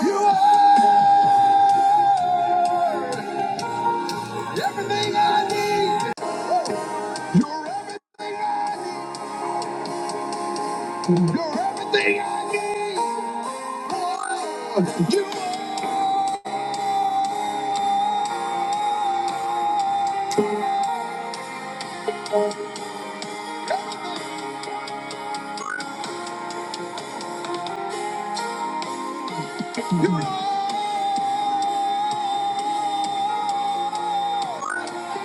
You are everything I need. You're everything I need. You're everything I need. Boy, You are.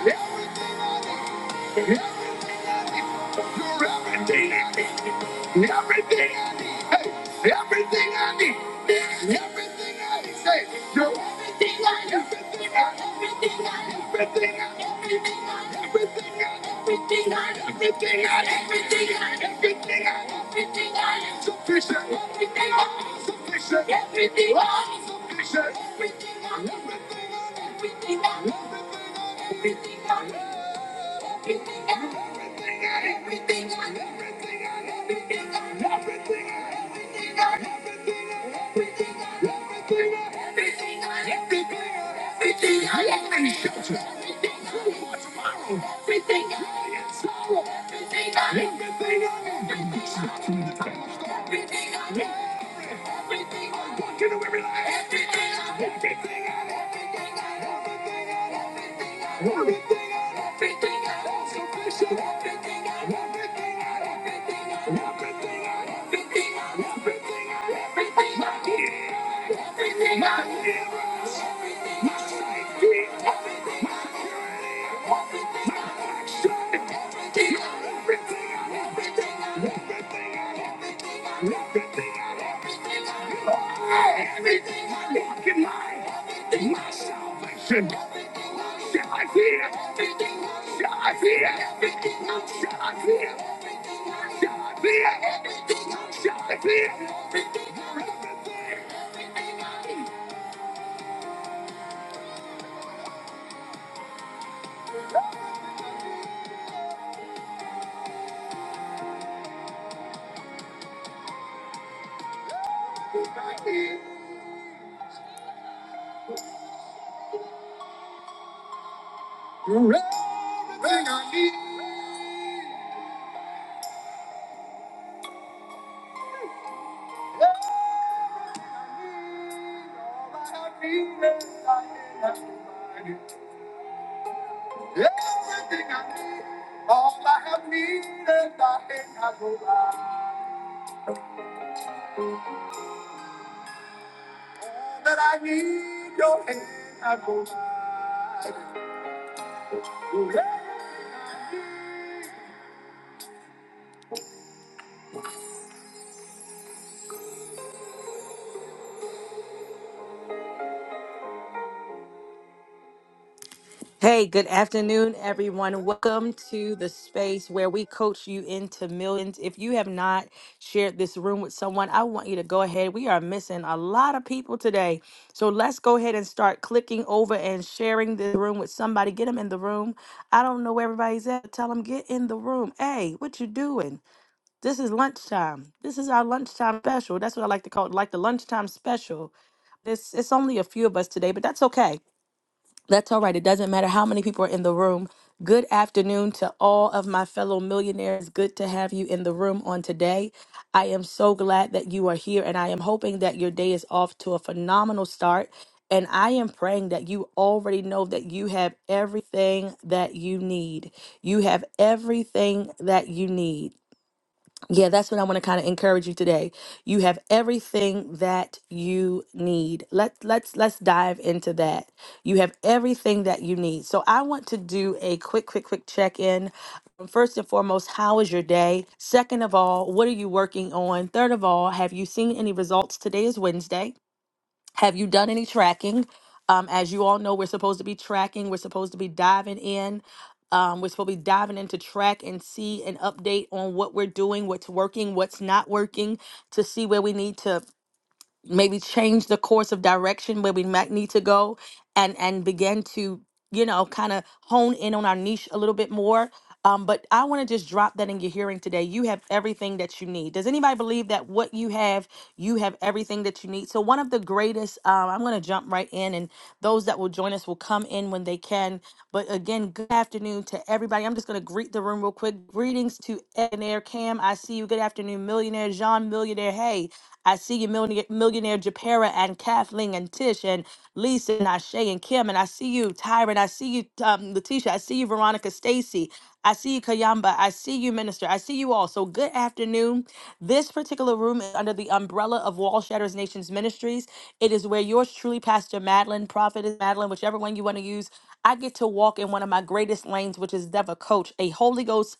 Everything I need. Everything I need. You're everything I need. Everything I need. Hey, everything I need. Everything I need. Say, you're everything I need. Everything I need. Everything I need. Everything I need. Everything I need. Everything I need. Everything I need. Everything I need. Everything I need. everything I need, Sufficient. Everything I need. Sufficient. Everything I need. Sufficient. Everything I need. Everything I need. Everything I need. Everything I want you to every life. Everything I want. Everything I want. Everything out, everything out, sufficient. Everything out, everything out, everything out, everything out, everything out, everything out, everything out, yeah. Everything out, yeah. Everything out, everything out, everything out, everything out, everything out. Walk in line. Everything out. My salvation. Shall I fear? Shall I fear? Shall I fear? Shall I fear? Shall I fear? You're everything I need. Everything I need, all I have needed, thy hand I provide. That I need your hand I provide. You're everything I need. Hey, good afternoon, everyone. Welcome to the space where we coach you into millions. If you have not shared this room with someone, I want you to go ahead. We are missing a lot of people today. So let's go ahead and start clicking over and sharing the room with somebody. Get them in the room. I don't know where everybody's at. Tell them, get in the room. Hey, what you doing? This is lunchtime. This is our lunchtime special. That's what I like to call it, like the lunchtime special. This it's only a few of us today, but that's okay. That's all right. It doesn't matter how many people are in the room. Good afternoon to all of my fellow millionaires. Good to have you in the room on today. I am so glad that you are here, and I am hoping that your day is off to a phenomenal start. And I am praying that you already know that you have everything that you need. You have everything that you need. Yeah, that's what I want to kind of encourage you today. You have everything that you need. Let let's let's dive into that. You have everything that you need. So I want to do a quick quick quick check-in. Um, First and foremost, how is your day? Second of all, what are you working on? Third of all, have you seen any results? Today is Wednesday. Have you done any tracking? Um, as you all know, we're supposed to be tracking. We're supposed to be diving in. Um, we're supposed to be diving into track and see an update on what we're doing, what's working, what's not working, to see where we need to maybe change the course of direction where we might need to go and and begin to you know kind of hone in on our niche a little bit more um, but i want to just drop that in your hearing today you have everything that you need does anybody believe that what you have you have everything that you need so one of the greatest um, i'm going to jump right in and those that will join us will come in when they can but again good afternoon to everybody i'm just going to greet the room real quick greetings to Ed and air cam i see you good afternoon millionaire john millionaire hey i see you millionaire Millionaire, Millionaire Japera and Kathleen and Tish and Lisa and Ashay and Kim. And I see you, Tyron. I see you, um, Letitia. I see you, Veronica Stacy. I see you, Kayamba. I see you, Minister. I see you all. So good afternoon. This particular room is under the umbrella of Wall Shatters Nations Ministries. It is where yours truly, Pastor Madeline, Prophetess Madeline, whichever one you want to use, I get to walk in one of my greatest lanes, which is Deva Coach, a Holy Ghost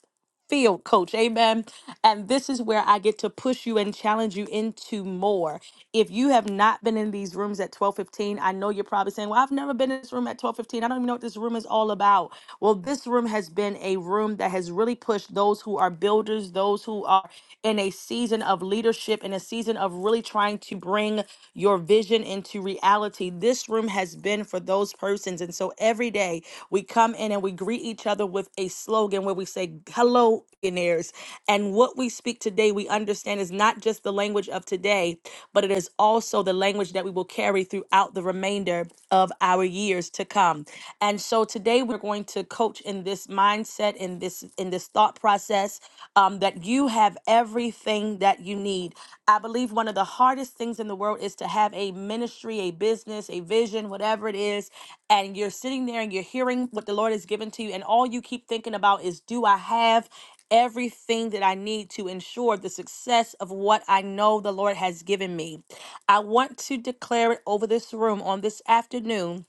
field coach. Amen. And this is where I get to push you and challenge you into more. If you have not been in these rooms at 12:15, I know you're probably saying, "Well, I've never been in this room at 12:15. I don't even know what this room is all about." Well, this room has been a room that has really pushed those who are builders, those who are in a season of leadership, in a season of really trying to bring your vision into reality. This this room has been for those persons. And so every day we come in and we greet each other with a slogan where we say, Hello, millionaires. And what we speak today, we understand is not just the language of today, but it is also the language that we will carry throughout the remainder of our years to come. And so today we're going to coach in this mindset, in this in this thought process um, that um, that you have everything that you need. I believe one of the hardest things in the world is to have a ministry, a business, a vision, whatever it is, and you're sitting there and you're hearing what the Lord has given to you, and all you keep thinking about is, do I have everything that I need to ensure the success of what I know the Lord has given me? I want to declare it over this room on this afternoon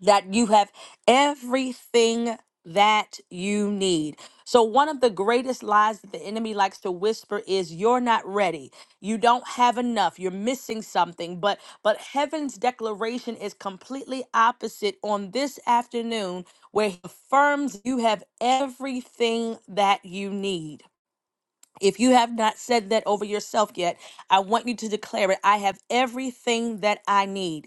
that you have everything that you need. So, one of the greatest lies that the enemy likes to whisper is you're not ready. You don't have enough. You're missing something. But but heaven's declaration is completely opposite on this afternoon where he affirms you have everything that you need. If you have not said that over yourself yet, I want you to declare it. I have everything that I need.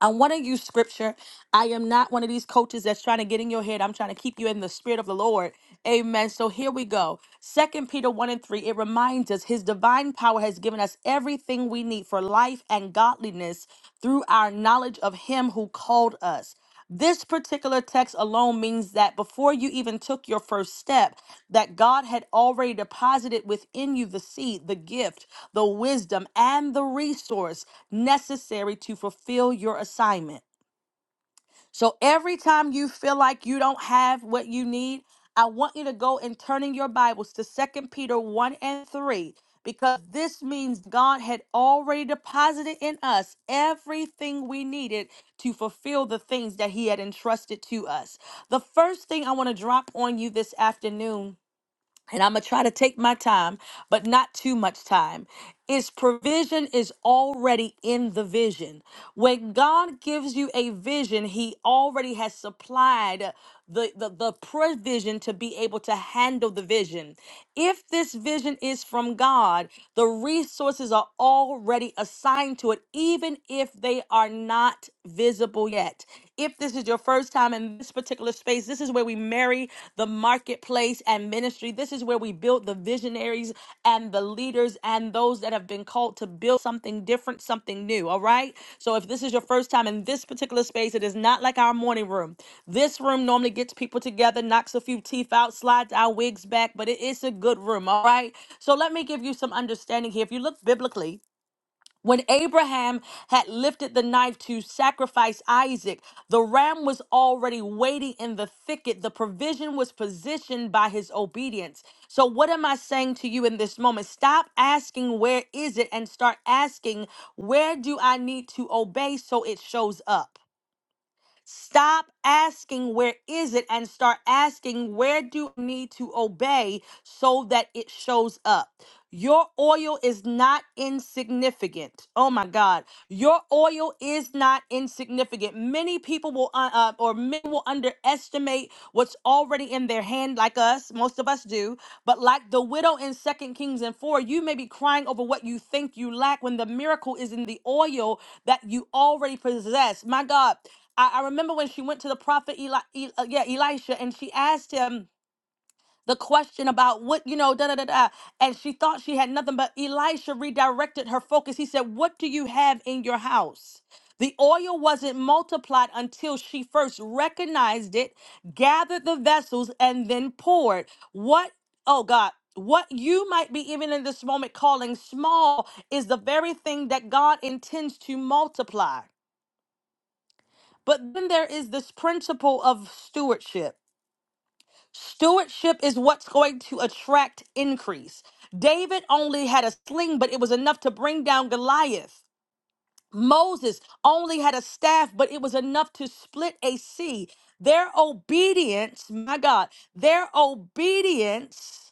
I want to use scripture. I am not one of these coaches that's trying to get in your head. I'm trying to keep you in the spirit of the Lord. Amen. So here we go. Second Peter 1 and 3, it reminds us his divine power has given us everything we need for life and godliness through our knowledge of him who called us. This particular text alone means that before you even took your first step, that God had already deposited within you the seed, the gift, the wisdom, and the resource necessary to fulfill your assignment. So every time you feel like you don't have what you need, I want you to go and turn in your Bibles to Second Peter 1 and 3 because this means God had already deposited in us everything we needed to fulfill the things that He had entrusted to us. The first thing I want to drop on you this afternoon and I'm going to try to take my time, but not too much time. Is provision is already in the vision. When God gives you a vision, He already has supplied the, the, the provision to be able to handle the vision. If this vision is from God, the resources are already assigned to it, even if they are not visible yet. If this this is your first time in this particular space, this is where we marry the marketplace and ministry. This is where we build the visionaries and the leaders and those that have been called to build something different, something new. All right. So if this is your first time in this particular space, it is not like our morning room. This room normally gets people together, knocks a few teeth out, slides our wigs back, but it is a good room. All right. So let me give you some understanding here. If you look biblically, when Abraham had lifted the knife to sacrifice Isaac, the ram was already waiting in the thicket. The provision was positioned by his obedience. So, what am I saying to you in this moment? Stop asking, Where is it? and start asking, Where do I need to obey so it shows up? Stop asking where is it and start asking where do I need to obey so that it shows up. Your oil is not insignificant. Oh my God. Your oil is not insignificant. Many people will, uh, uh, or men will underestimate what's already in their hand, like us. Most of us do. But like the widow in Second Kings and 4, you may be crying over what you think you lack when the miracle is in the oil that you already possess. My God, I, I remember when she went to the prophet Eli, E- uh, yeah, Elisha, and she asked him the question about what you know, da da da da, and she thought she had nothing, but Elisha redirected her focus. He said, "What do you have in your house?" The oil wasn't multiplied until she first recognized it, gathered the vessels, and then poured. What? Oh God. What you might be even in this moment calling small is the very thing that God intends to multiply. But then there is this principle of stewardship. Stewardship is what's going to attract increase. David only had a sling, but it was enough to bring down Goliath. Moses only had a staff, but it was enough to split a sea. Their obedience, my God, their obedience.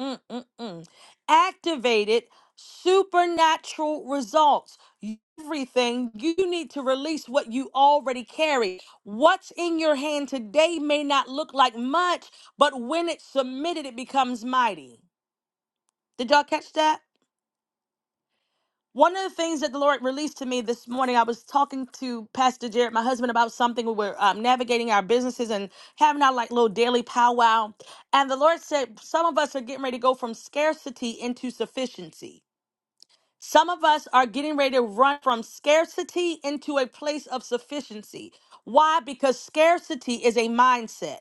Mm-mm-mm. Activated supernatural results. Everything you need to release what you already carry. What's in your hand today may not look like much, but when it's submitted, it becomes mighty. Did y'all catch that? One of the things that the Lord released to me this morning, I was talking to Pastor Jared, my husband, about something. We were um, navigating our businesses and having our like little daily powwow. And the Lord said, some of us are getting ready to go from scarcity into sufficiency. Some of us are getting ready to run from scarcity into a place of sufficiency. Why? Because scarcity is a mindset.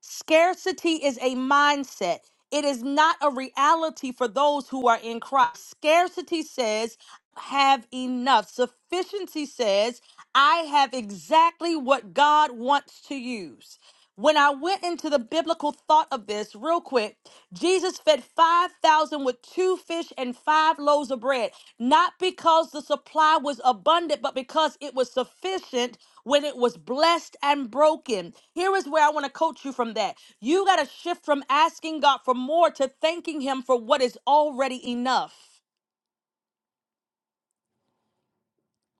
Scarcity is a mindset. It is not a reality for those who are in Christ. Scarcity says, have enough. Sufficiency says, I have exactly what God wants to use. When I went into the biblical thought of this real quick, Jesus fed 5,000 with two fish and five loaves of bread, not because the supply was abundant, but because it was sufficient when it was blessed and broken. Here is where I want to coach you from that. You got to shift from asking God for more to thanking Him for what is already enough.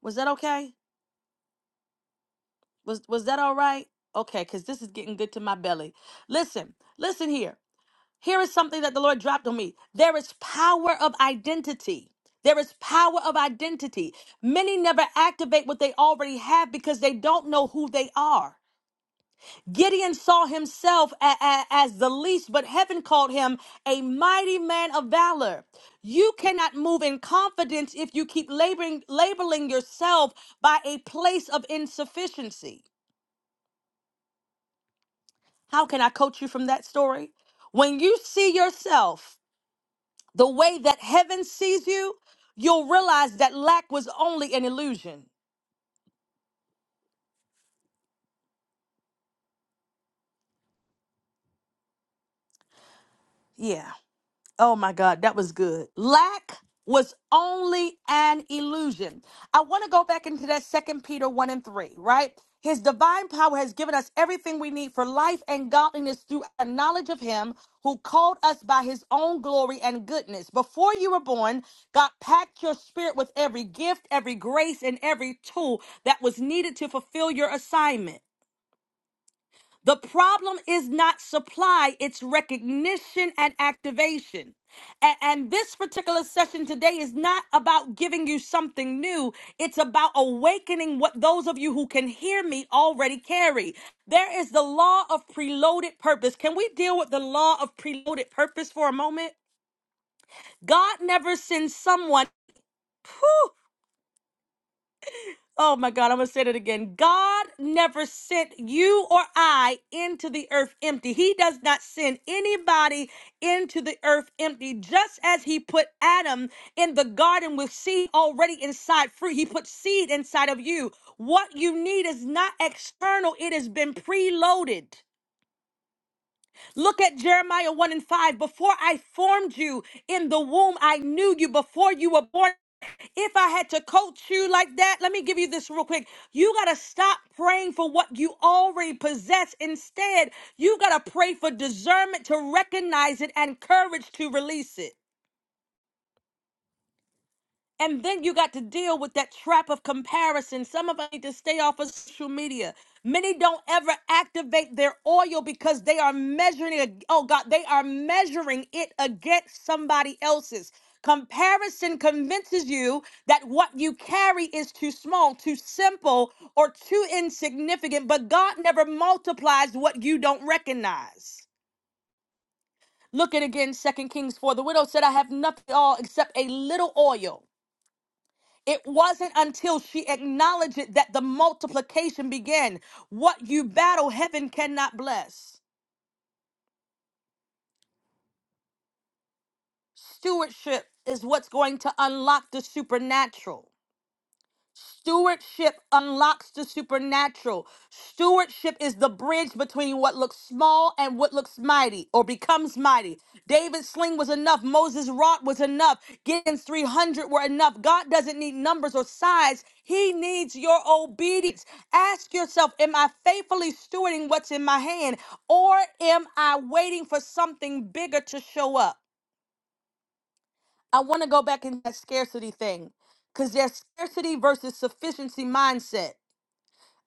Was that okay? Was, was that all right? Okay, because this is getting good to my belly. Listen, listen here. Here is something that the Lord dropped on me. There is power of identity. There is power of identity. Many never activate what they already have because they don't know who they are. Gideon saw himself a- a- as the least, but heaven called him a mighty man of valor. You cannot move in confidence if you keep laboring, labeling yourself by a place of insufficiency. How can I coach you from that story? When you see yourself the way that heaven sees you, you'll realize that lack was only an illusion. Yeah. Oh my God, that was good. Lack was only an illusion. I want to go back into that second Peter 1 and 3, right? His divine power has given us everything we need for life and godliness through a knowledge of him who called us by his own glory and goodness. Before you were born, God packed your spirit with every gift, every grace, and every tool that was needed to fulfill your assignment. The problem is not supply, it's recognition and activation. A- And, this particular session today is not about giving you something new. It's about awakening what those of you who can hear me already carry. There is the law of preloaded purpose. Can we deal with the law of preloaded purpose for a moment? God never sends someone. Oh my God, I'm going to say that again. God never sent you or I into the earth empty. He does not send anybody into the earth empty. Just as He put Adam in the garden with seed already inside fruit, He put seed inside of you. What you need is not external, it has been preloaded. Look at Jeremiah 1 and 5. Before I formed you in the womb, I knew you. Before you were born, if I had to coach you like that, let me give you this real quick. You got to stop praying for what you already possess. Instead, you got to pray for discernment to recognize it and courage to release it. And then you got to deal with that trap of comparison. Some of us need to stay off of social media. Many don't ever activate their oil because they are measuring it. Oh God, they are measuring it against somebody else's. Comparison convinces you that what you carry is too small, too simple, or too insignificant, but God never multiplies what you don't recognize. Look at again, Second Kings 4. The widow said, I have nothing at all except a little oil it wasn't until she acknowledged it that the multiplication began. What you battle, heaven cannot bless. Stewardship is what's going to unlock the supernatural. Stewardship unlocks the supernatural. Stewardship is the bridge between what looks small and what looks mighty or becomes mighty. David's sling was enough. Moses' rod was enough. Gideon's 300 were enough. God doesn't need numbers or size, He needs your obedience. Ask yourself Am I faithfully stewarding what's in my hand, or am I waiting for something bigger to show up? I want to go back in that scarcity thing because there's scarcity versus sufficiency mindset.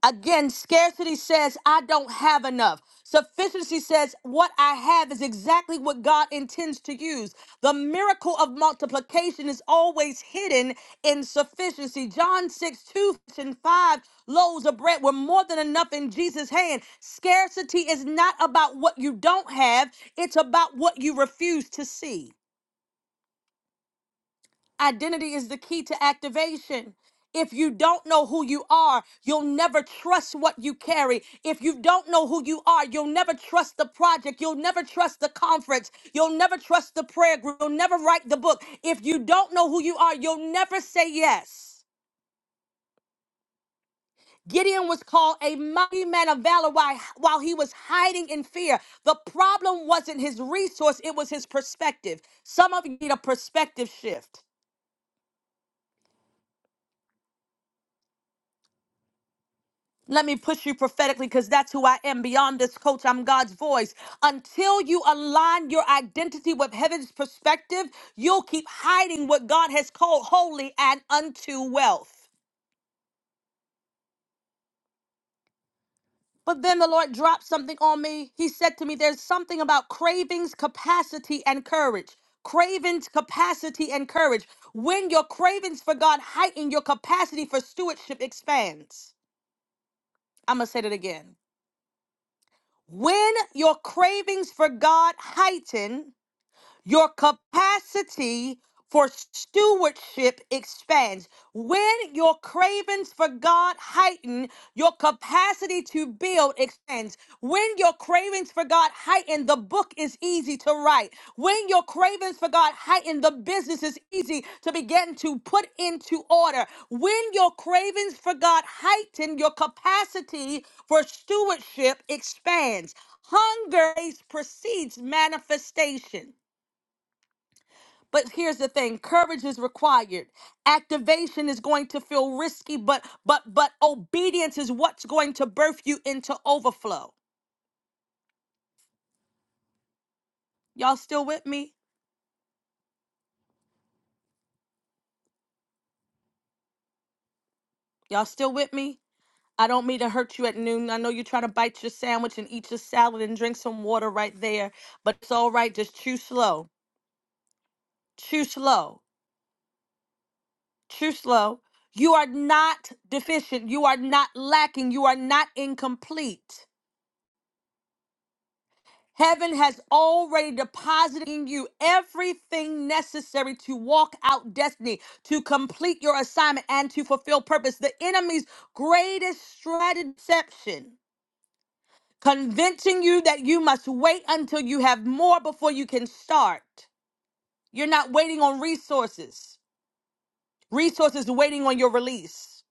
Again, scarcity says, I don't have enough. Sufficiency says, what I have is exactly what God intends to use. The miracle of multiplication is always hidden in sufficiency. John 6, 2 and 5 loaves of bread were more than enough in Jesus' hand. Scarcity is not about what you don't have, it's about what you refuse to see. Identity is the key to activation. If you don't know who you are, you'll never trust what you carry. If you don't know who you are, you'll never trust the project. You'll never trust the conference. You'll never trust the prayer group. You'll never write the book. If you don't know who you are, you'll never say yes. Gideon was called a mighty man of valor while while he was hiding in fear. The problem wasn't his resource, it was his perspective. Some of you need a perspective shift. Let me push you prophetically because that's who I am. Beyond this coach, I'm God's voice. Until you align your identity with heaven's perspective, you'll keep hiding what God has called holy and unto wealth. But then the Lord dropped something on me. He said to me, There's something about cravings, capacity, and courage. Cravings, capacity, and courage. When your cravings for God heighten, your capacity for stewardship expands. I'm going to say that again. When your cravings for God heighten, Your capacity for stewardship expands. When your cravings for God heighten, your capacity to build expands. When your cravings for God heighten, the book is easy to write. When your cravings for God heighten, the business is easy to begin to put into order. When your cravings for God heighten, your capacity for stewardship expands. Hunger precedes manifestation. But here's the thing, courage is required. Activation is going to feel risky, but but but obedience is what's going to birth you into overflow. Y'all still with me? Y'all still with me? I don't mean to hurt you at noon. I know you're trying to bite your sandwich and eat your salad and drink some water right there, but it's all right. Just chew slow. Chew slow. Chew slow. You are not deficient. You are not lacking. You are not incomplete. Heaven has already deposited in you everything necessary to walk out destiny, to complete your assignment, and to fulfill purpose. The enemy's greatest strategy, deception, convincing you that you must wait until you have more before you can start. You're not waiting on resources, resources waiting on your release.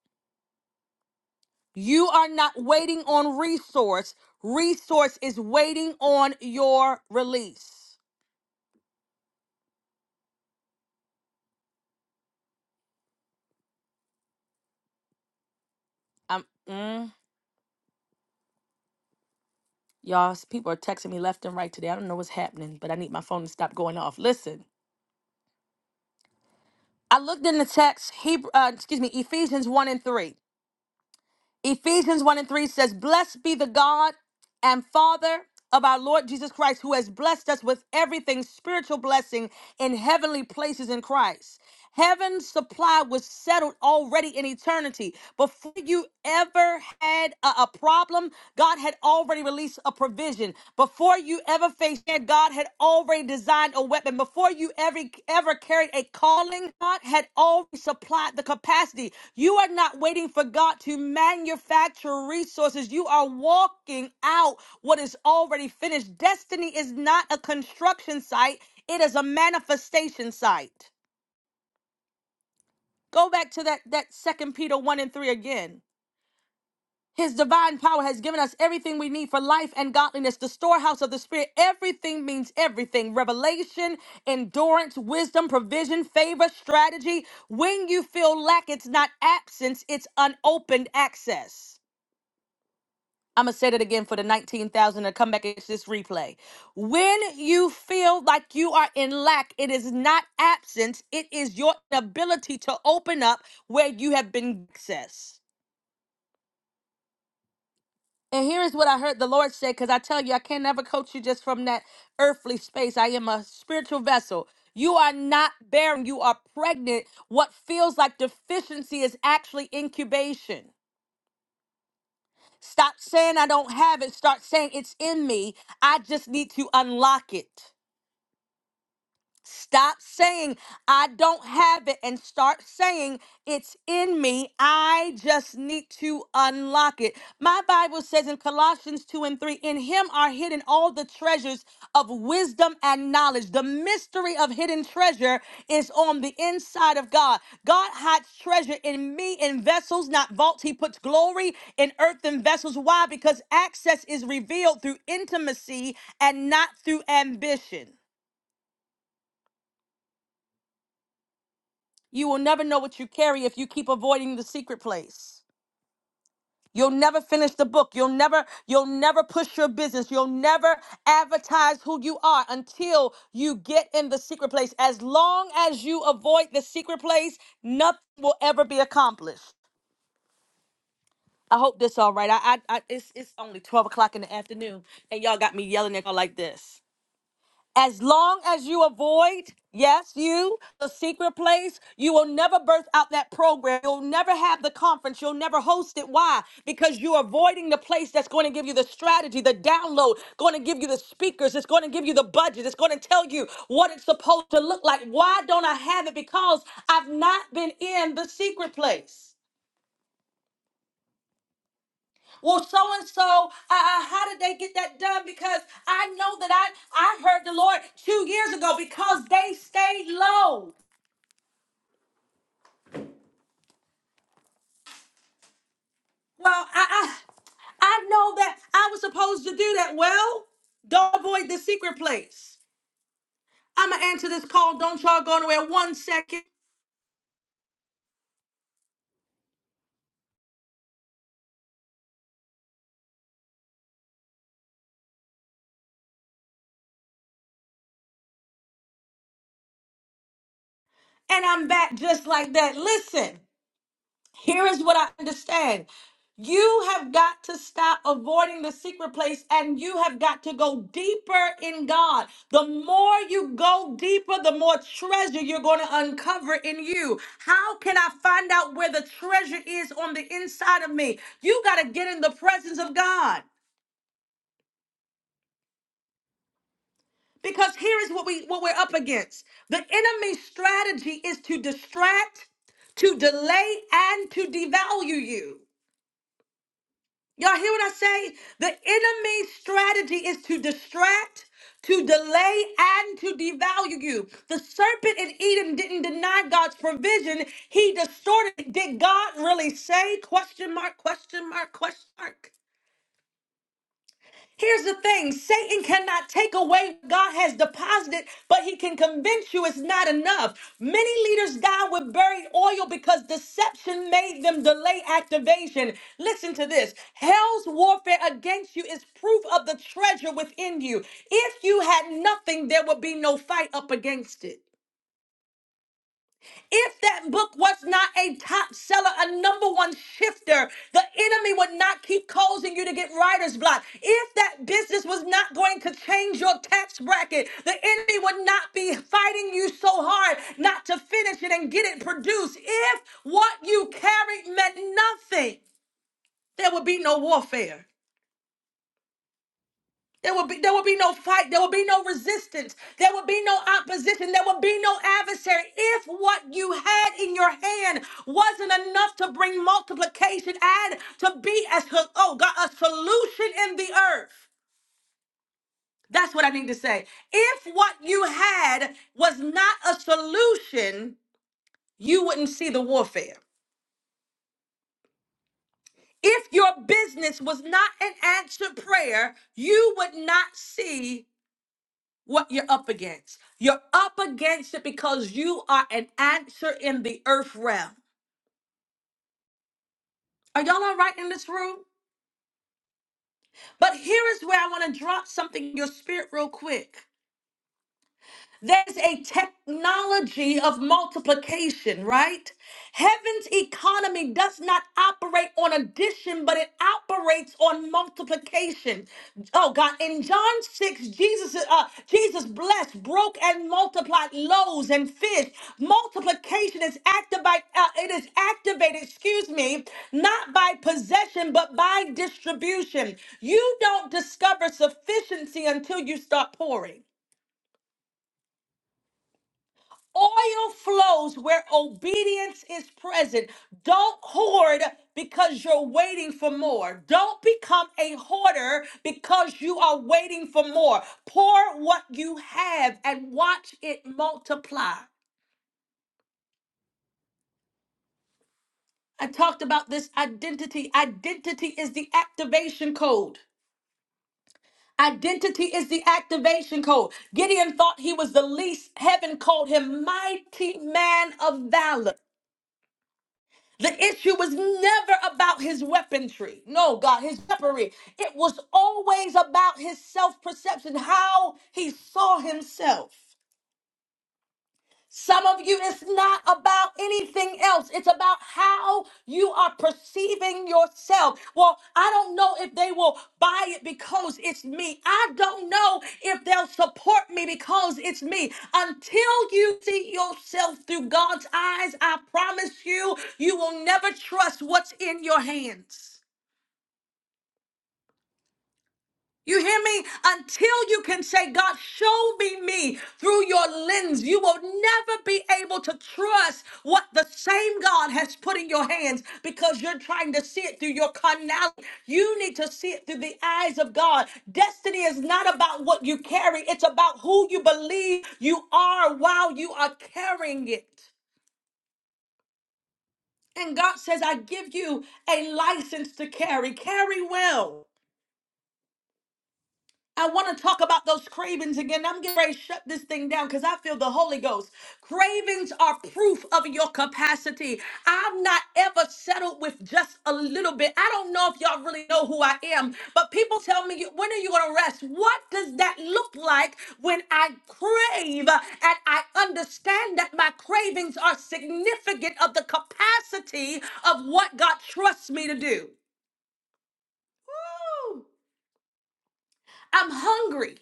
You are not waiting on resource, resource is waiting on your release. Um. mm. Y'all, s- people are texting me left and right today. I don't know what's happening, but I need my phone to stop going off. Listen, I looked in the text, Hebrew, uh, excuse me, Ephesians 1 and 3. Ephesians 1 and 3 says, Blessed be the God and Father of our Lord Jesus Christ, who has blessed us with everything spiritual blessing in heavenly places in Christ. Heaven's supply was settled already in eternity. Before you ever had a, a problem, God had already released a provision. Before you you ever faced, man, God had already designed a weapon. Before you ever, ever carried a calling, God had already supplied the capacity. You are not waiting for God to manufacture resources. You are walking out what is already finished. Destiny is not a construction site. It is a manifestation site. Go back to that, that second Peter 1 and 3 again. His divine power has given us everything we need for life and godliness, the storehouse of the Spirit. Everything means everything revelation, endurance, wisdom, provision, favor, strategy. When you feel lack, it's not absence, it's unopened access. I'm going to say that again for the 19,000 to come back and catch this replay. When you feel like you are in lack, it is not absence, it is your ability to open up where you have been accessed. And here is what I heard the Lord say, because I tell you, I can never coach you just from that earthly space. I am a spiritual vessel. You are not barren, you are pregnant. What feels like deficiency is actually incubation. Stop saying I don't have it, start saying it's in me. I just need to unlock it. Stop saying, I don't have it, and start saying, It's in me. I just need to unlock it. My Bible says in Colossians 2 and 3 In him are hidden all the treasures of wisdom and knowledge. The mystery of hidden treasure is on the inside of God. God hides treasure in me in vessels, not vaults. He puts glory in earthen vessels. Why? Because access is revealed through intimacy and not through ambition. You will never know what you carry if you keep avoiding the secret place. You'll never finish the book. You'll never you'll never push your business. You'll never advertise who you are until you get in the secret place. As long as you avoid the secret place, nothing will ever be accomplished. I hope this all right. I, I, I it's it's only twelve o'clock in the afternoon, and y'all got me yelling at y'all like this. As long as you avoid, yes, you, the secret place, you will never birth out that program. You'll never have the conference. You'll never host it. Why? Because you're avoiding the place that's going to give you the strategy, the download, going to give you the speakers, it's going to give you the budget, it's going to tell you what it's supposed to look like. Why don't I have it? Because I've not been in the secret place. Well, so and so, uh, uh, how did they get that done? Because I know that I I heard the Lord two years ago because they stayed low. Well, I I, I know that I was supposed to do that. Well, don't avoid the secret place. I'ma answer this call. Don't y'all go nowhere. One second, and I'm back just like that. Listen. Here is what I understand. You have got to stop avoiding the secret place and you have got to go deeper in God. The more you go deeper, the more treasure you're going to uncover in you. How can I find out where the treasure is on the inside of me? You got to get in the presence of God. Because here is what we what we're up against. The enemy's strategy is to distract, to delay and to devalue you. Y'all hear what I say? The enemy's strategy is to distract, to delay, and to devalue you. The serpent in Eden didn't deny God's provision. He distorted. it. Did God really say? Question mark, question mark, question mark. Here's the thing Satan cannot take away what God has deposited, but he can convince you it's not enough. Many leaders die with buried oil because deception made them delay activation. Listen to this hell's warfare against you is proof of the treasure within you. If you had nothing, there would be no fight up against it. If that book was not a top seller, a number one shifter, the enemy would not keep causing you to get writer's block. If that business was not going to change your tax bracket, the enemy would not be fighting you so hard not to finish it and get it produced. If what you carried meant nothing, there would be no warfare. There will be there will be no fight, there will be no resistance, there will be no opposition, there will be no adversary. If what you had in your hand wasn't enough to bring multiplication, add to be as oh God, a solution in the earth. That's what I need to say. If what you had was not a solution, you wouldn't see the warfare. If your business was not an answered prayer, you would not see what you're up against. You're up against it because you are an answer in the earth realm. Are y'all all right in this room? But here is where I want to drop something in your spirit real quick. There's a technology of multiplication, right? Heaven's economy does not operate on addition, but it operates on multiplication. Oh God, in John 6, Jesus uh, Jesus blessed, broke and multiplied loaves and fish. Multiplication is activated uh, it is activated, excuse me, not by possession but by distribution. You don't discover sufficiency until you start pouring. Oil flows where obedience is present. Don't hoard because you're waiting for more. Don't become a hoarder because you are waiting for more. Pour what you have and watch it multiply. I talked about this identity. Identity is the activation code. Identity is the activation code. Gideon thought he was the least. Heaven called him mighty man of valor. The issue was never about his weaponry. No, God, his weaponry. It was always about his self perception, how he saw himself. Some of you, it's not about anything else. It's about how you are perceiving yourself. Well, I don't know if they will buy it because it's me. I don't know if they'll support me because it's me. Until you see yourself through God's eyes, I promise you, you will never trust what's in your hands. You hear me? Until you can say, God, show me me through your lens, you will never be able to trust what the same God has put in your hands because you're trying to see it through your carnal. You need to see it through the eyes of God. Destiny is not about what you carry, it's about who you believe you are while you are carrying it. And God says, I give you a license to carry. Carry well. I want to talk about those cravings again. I'm getting ready to shut this thing down because I feel the Holy Ghost. Cravings are proof of your capacity. I'm not ever settled with just a little bit. I don't know if y'all really know who I am, but people tell me, when are you going to rest? What does that look like when I crave and I understand that my cravings are significant of the capacity of what God trusts me to do? Woo! I'm hungry.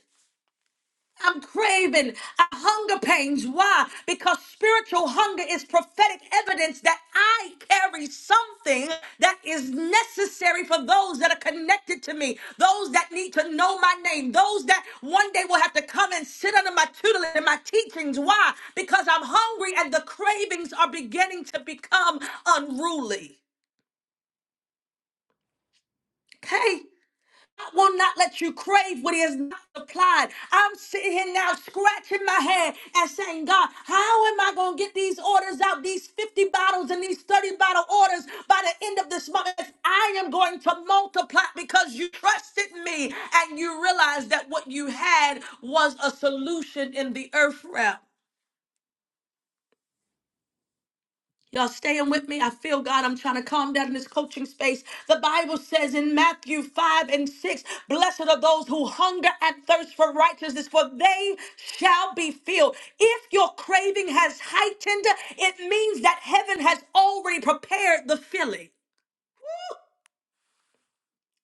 I'm craving I hunger pains. Why? Because spiritual hunger is prophetic evidence that I carry something that is necessary for those that are connected to me, those that need to know my name, those that one day will have to come and sit under my tutelage and my teachings. Why? Because I'm hungry and the cravings are beginning to become unruly. Okay? God will not let you crave what He has not supplied. I'm sitting here now scratching my head and saying, God, how am I going to get these orders out, these 50 bottles and these 30 bottle orders by the end of this month? If I am going to multiply because you trusted me and you realized that what you had was a solution in the earth realm. Y'all staying with me? I feel God. I'm trying to calm down in this coaching space. The Bible says in Matthew 5 and 6 Blessed are those who hunger and thirst for righteousness, for they shall be filled. If your craving has heightened, it means that heaven has already prepared the filling.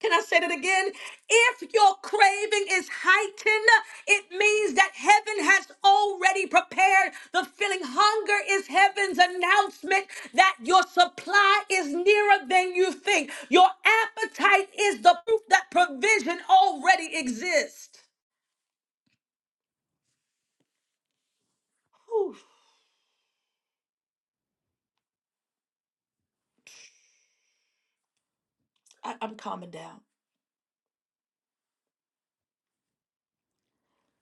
Can I say it again? If your craving is heightened, it means that heaven has already prepared. The feeling hunger is heaven's announcement that your supply is nearer than you think. Your appetite is the proof that provision already exists. Whew, I, I'm calming down.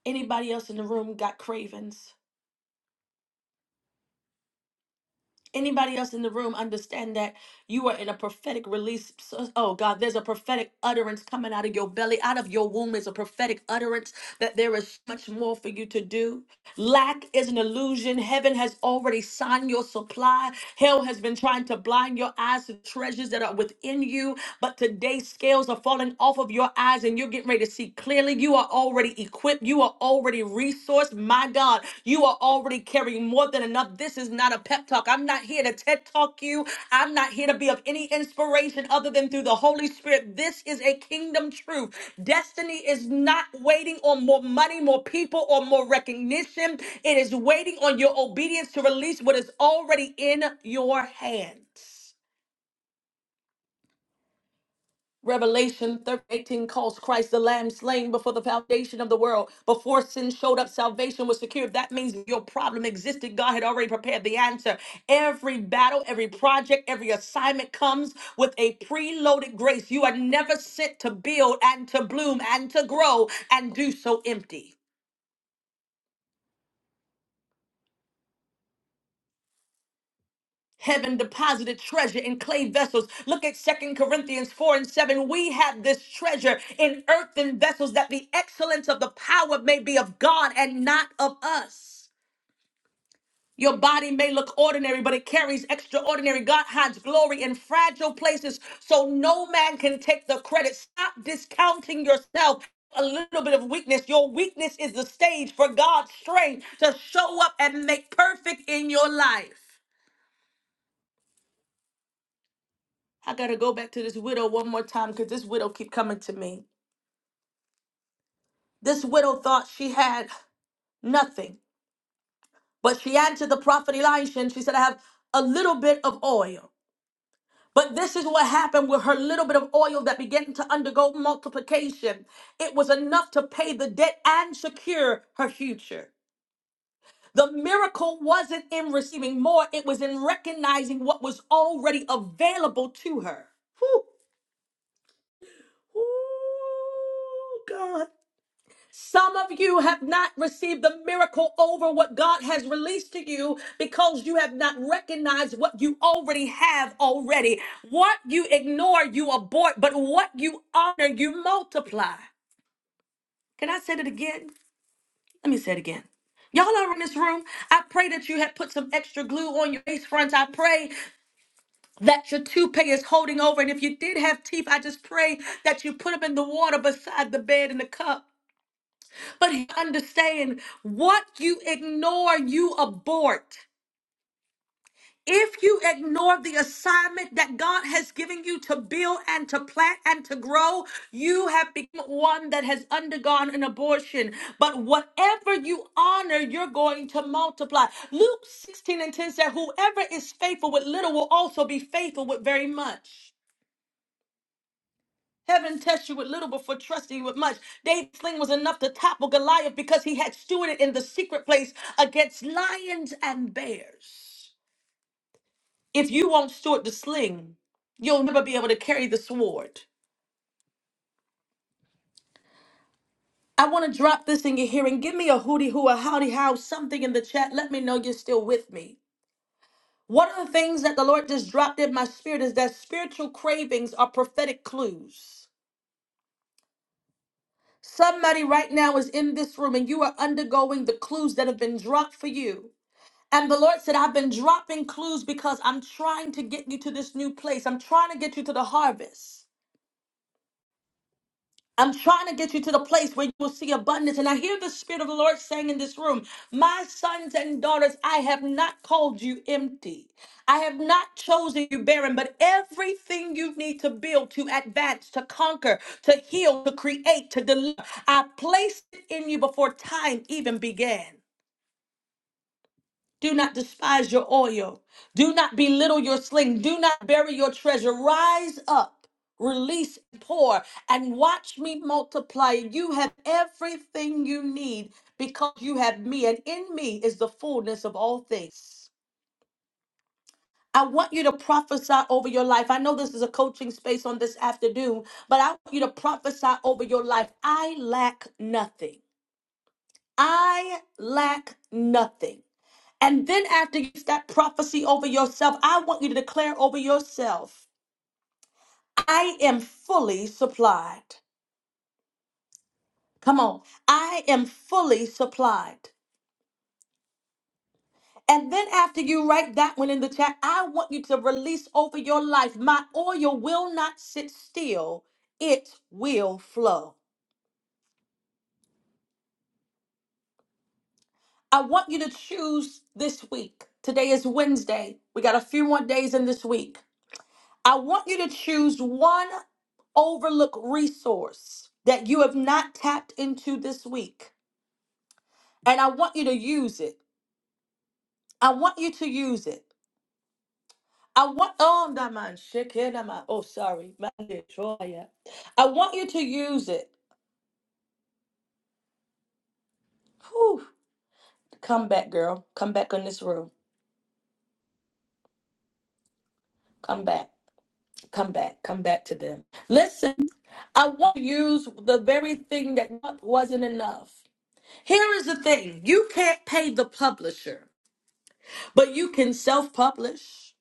Anybody else in the room got cravings? Anybody else in the room understand that you are in a prophetic release? So- Oh God, there's a prophetic utterance coming out of your belly, out of your womb is a prophetic utterance that there is much more for you to do. Lack is an illusion. Heaven has already signed your supply. Hell has been trying to blind your eyes to treasures that are within you. But today, scales are falling off of your eyes and you're getting ready to see clearly. You are already equipped. You are you are already resourced. My God, you are already carrying more than enough. This is not a pep talk. I'm not here to TED talk you. I'm not here to be of any inspiration other than through the Holy Spirit. This is a kingdom truth. Destiny is not waiting on more money, more people, or more recognition. It is waiting on your obedience to release what is already in your hands. Revelation 13, 18 calls Christ the Lamb slain before the foundation of the world. Before sin showed up, salvation was secured. That means your problem existed. God had already prepared the answer. Every battle, every project, every assignment comes with a preloaded grace. You are never sent to build and to bloom and to grow and do so empty. Heaven deposited treasure in clay vessels. Look at Second Corinthians 4 and 7. We have this treasure in earthen vessels that the excellence of the power may be of God and not of us. Your body may look ordinary, but it carries extraordinary. God hides glory in fragile places, so no man can take the credit. Stop discounting yourself. A little bit of weakness. Your weakness is the stage for God's strength to show up and make perfect in your life. I gotta go back to this widow one more time because this widow keep coming to me. This widow thought she had nothing, but she answered the prophet Elisha and she said, I have a little bit of oil. But this is what happened with her little bit of oil that began to undergo multiplication. It was enough to pay the debt and secure her future. The miracle wasn't in receiving more, it was in recognizing what was already available to her. Whew. Ooh, God. Some of you have not received the miracle over what God has released to you because you have not recognized what you already have already. What you ignore, you abort, but what you honor, you multiply. Can I say it again? Let me say it again. Y'all are in this room. I pray that you have put some extra glue on your face front. I pray that your toupee is holding over. And if you did have teeth, I just pray that you put them in the water beside the bed and the cup. But you understand what you ignore, you abort. If you ignore the assignment that God has given you to build and to plant and to grow, you have become one that has undergone an abortion. But whatever you honor, you're going to multiply. Luke 16 and 10 said, Whoever is faithful with little will also be faithful with very much. Heaven tests you with little before trusting you with much. David's sling was enough to topple Goliath because he had stewarded in the secret place against lions and bears. If you won't steward the sling, you'll never be able to carry the sword. I want to drop this in your hearing. Give me a hootie hoo, a howdy how, something in the chat. Let me know you're still with me. One of the things that the Lord just dropped in my spirit is that spiritual cravings are prophetic clues. Somebody right now is in this room and you are undergoing the clues that have been dropped for you. And the Lord said, I've been dropping clues because I'm trying to get you to this new place. I'm trying to get you to the harvest. I'm trying to get you to the place where you will see abundance. And I hear the Spirit of the Lord saying in this room, My sons and daughters, I have not called you empty. I have not chosen you barren, but everything you need to build, to advance, to conquer, to heal, to create, to deliver, I placed it in you before time even began. Do not despise your oil. Do not belittle your sling. Do not bury your treasure. Rise up, release, and pour, and watch me multiply. You have everything you need because you have me, and in me is the fullness of all things. I want you to prophesy over your life. I know this is a coaching space on this afternoon, but I want you to prophesy over your life. I lack nothing. I lack nothing. And then after you get that prophecy over yourself, I want you to declare over yourself, I am fully supplied. Come on. I am fully supplied. And then after you write that one in the chat, I want you to release over your life, my oil will not sit still. It will flow. I want you to choose this week. Today is Wednesday. We got a few more days in this week. I want you to choose one overlooked resource that you have not tapped into this week. And I want you to use it. I want you to use it. I want oh that man shit, kid, that man- oh sorry. man, it's all right. I want you to use it. Whew. Come back, girl. Come back on this room. Come back. Come back. Come back to them. Listen, I want to use the very thing that wasn't enough. Here is the thing you can't pay the publisher. but you can self-publish.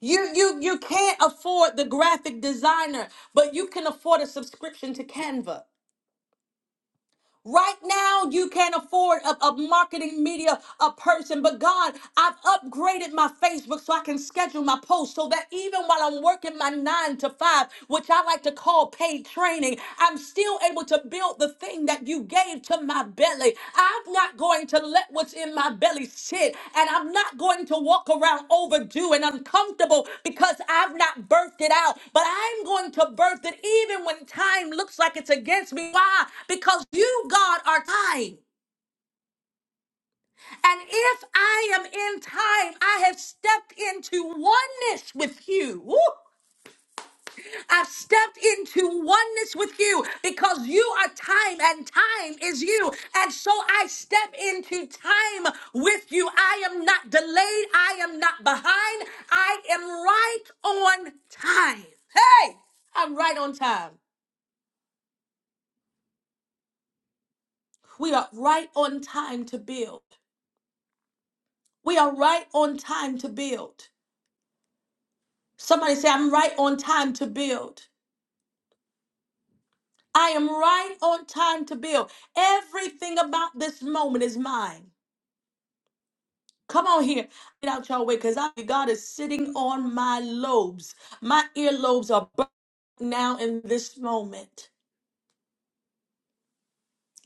You you you can't afford the graphic designer, but you can afford a subscription to Canva. Right now, you can't afford a, a marketing media a person, but God, I've upgraded my Facebook so I can schedule my posts so that even while I'm working my nine to five, which I like to call paid training, I'm still able to build the thing that you gave to my my belly. I'm not going to let what's in my belly sit, and I'm not going to walk around overdue and uncomfortable because I've not birthed it out. But I'm going to birth it even when time looks like it's against me. Why? Because you, God, are time. And if I am in time, I have stepped into oneness with you. Woo! I've stepped into oneness with you because you are time and time is you. And so I step into time with you. I am not delayed. I am not behind. I am right on time. Hey, I'm right on time. We are right on time to build. We are right on time to build. Somebody say, I'm right on time to build. I am right on time to build. Everything about this moment is mine. Come on here. Get out your way because I God is sitting on my lobes. My earlobes are burning now in this moment.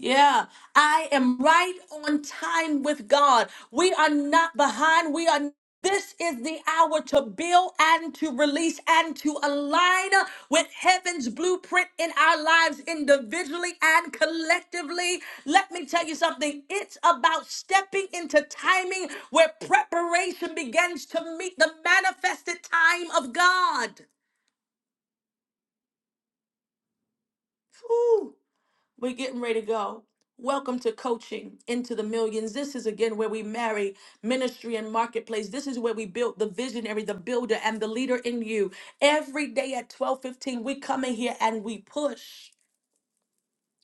Yeah, I am right on time with God. We are not behind. We are. This is the hour to build and to release and to align with heaven's blueprint in our lives individually and collectively. Let me tell you something. It's about stepping into timing where preparation begins to meet the manifested time of God. Whew. We're getting ready to go. Welcome to coaching into the millions. This is again where we marry ministry and marketplace. This is where we build the visionary, the builder, and the leader in you. Every day at 12:15, we come in here and we push.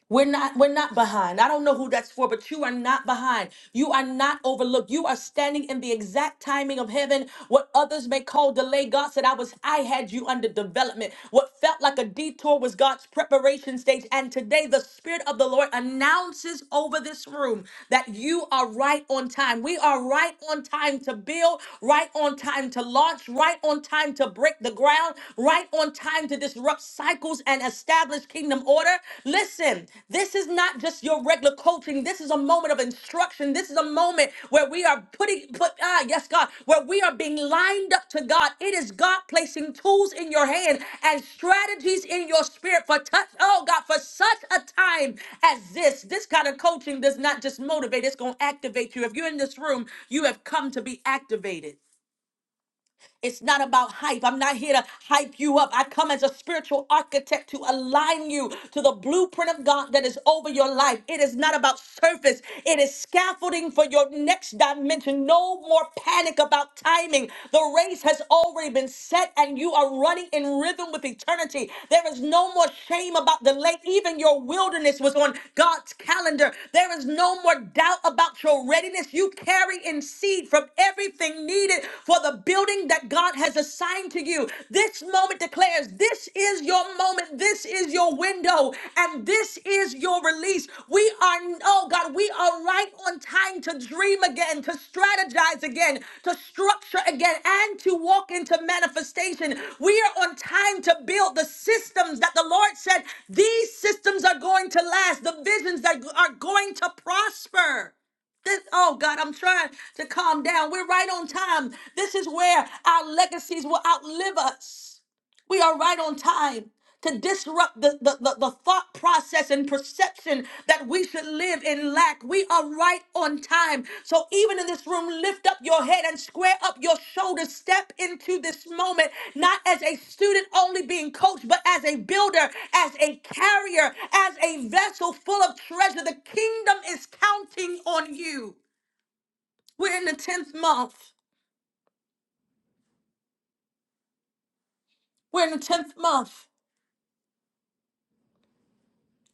We're not we're not behind. I don't know who that's for, but you are not behind. You are not overlooked. You are standing in the exact timing of heaven. What others may call delay, God said I was I had you under development. What felt like a detour was God's preparation stage. And today the spirit of the Lord announces over this room that you are right on time. We are right on time to build, right on time to launch, right on time to break the ground, right on time to disrupt cycles and establish kingdom order. Listen, this is not just your regular coaching. This is a moment of instruction. This is a moment where we are putting, put, ah, yes, God, where we are being lined up to God. It is God placing tools in your hand and strategies in your spirit for touch, oh God, for such a time as this. This kind of coaching does not just motivate, it's going to activate you. If you're in this room, you have come to be activated. It's not about hype. I'm not here to hype you up. I come as a spiritual architect to align you to the blueprint of God that is over your life. It is not about surface, it is scaffolding for your next dimension. No more panic about timing. The race has already been set, and you are running in rhythm with eternity. There is no more shame about delay. Even your wilderness was on God's calendar. There is no more doubt about your readiness. You carry in seed from from everything needed for the building that God has assigned to you. This moment declares this is your moment, this is your window, and this is your release. We are, oh God, we are right on time to dream again, to strategize again, to structure again, and to walk into manifestation. We are on time to build the systems that the Lord said these systems are going to last, the visions that are going to prosper. This, oh God, I'm trying to calm down. We're right on time. This is where our legacies will outlive us. We are right on time to disrupt the, the, the, the thought process and perception that we should live in lack. We are right on time. So even in this room, lift up your head and square up your shoulders. Step into this moment, not as a student only being coached, but as a builder, as a carrier, as a vessel full of treasure. The kingdom is counting on you. We're in the 10th month. We're in the 10th month.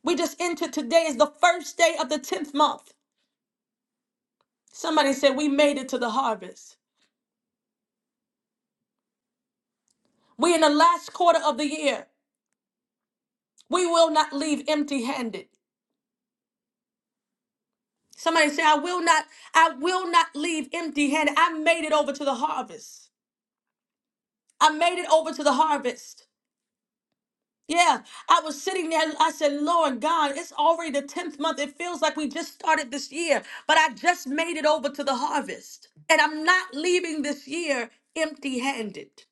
We just entered today is the first day of the 10th month. Somebody said we made it to the harvest. We're in the last quarter of the year. We will not leave empty handed. Somebody say, I will not, I will not leave empty handed. I made it over to the harvest. I made it over to the harvest. Yeah, I was sitting there. I said, Lord God, it's already the 10th month. It feels like we just started this year, but I just made it over to the harvest. And I'm not leaving this year empty handed.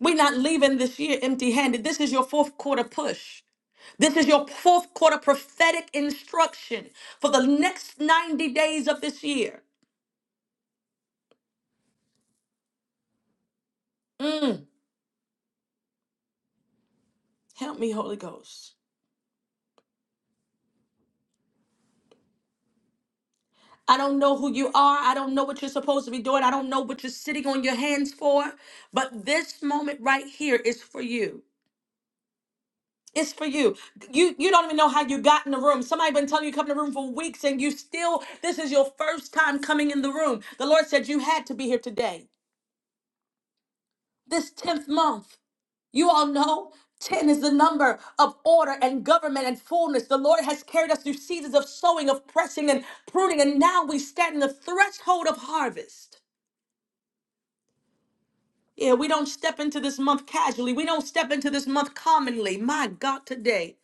We're not leaving this year empty handed. This is your fourth quarter push. This is your fourth quarter prophetic instruction for the next 90 days of this year. Mm, help me, Holy Ghost. I don't know who you are. I don't know what you're supposed to be doing. I don't know what you're sitting on your hands for. But this moment right here is for you. It's for you. You you don't even know how you got in the room. Somebody been telling you to come in the room for weeks and you still this is your first time coming in the room. The Lord said you had to be here today. This 10th month. You all know 10 is the number of order and government and fullness. The Lord has carried us through seasons of sowing, of pressing and pruning, and now we stand in the threshold of harvest. Yeah, we don't step into this month casually. We don't step into this month commonly. My God, today.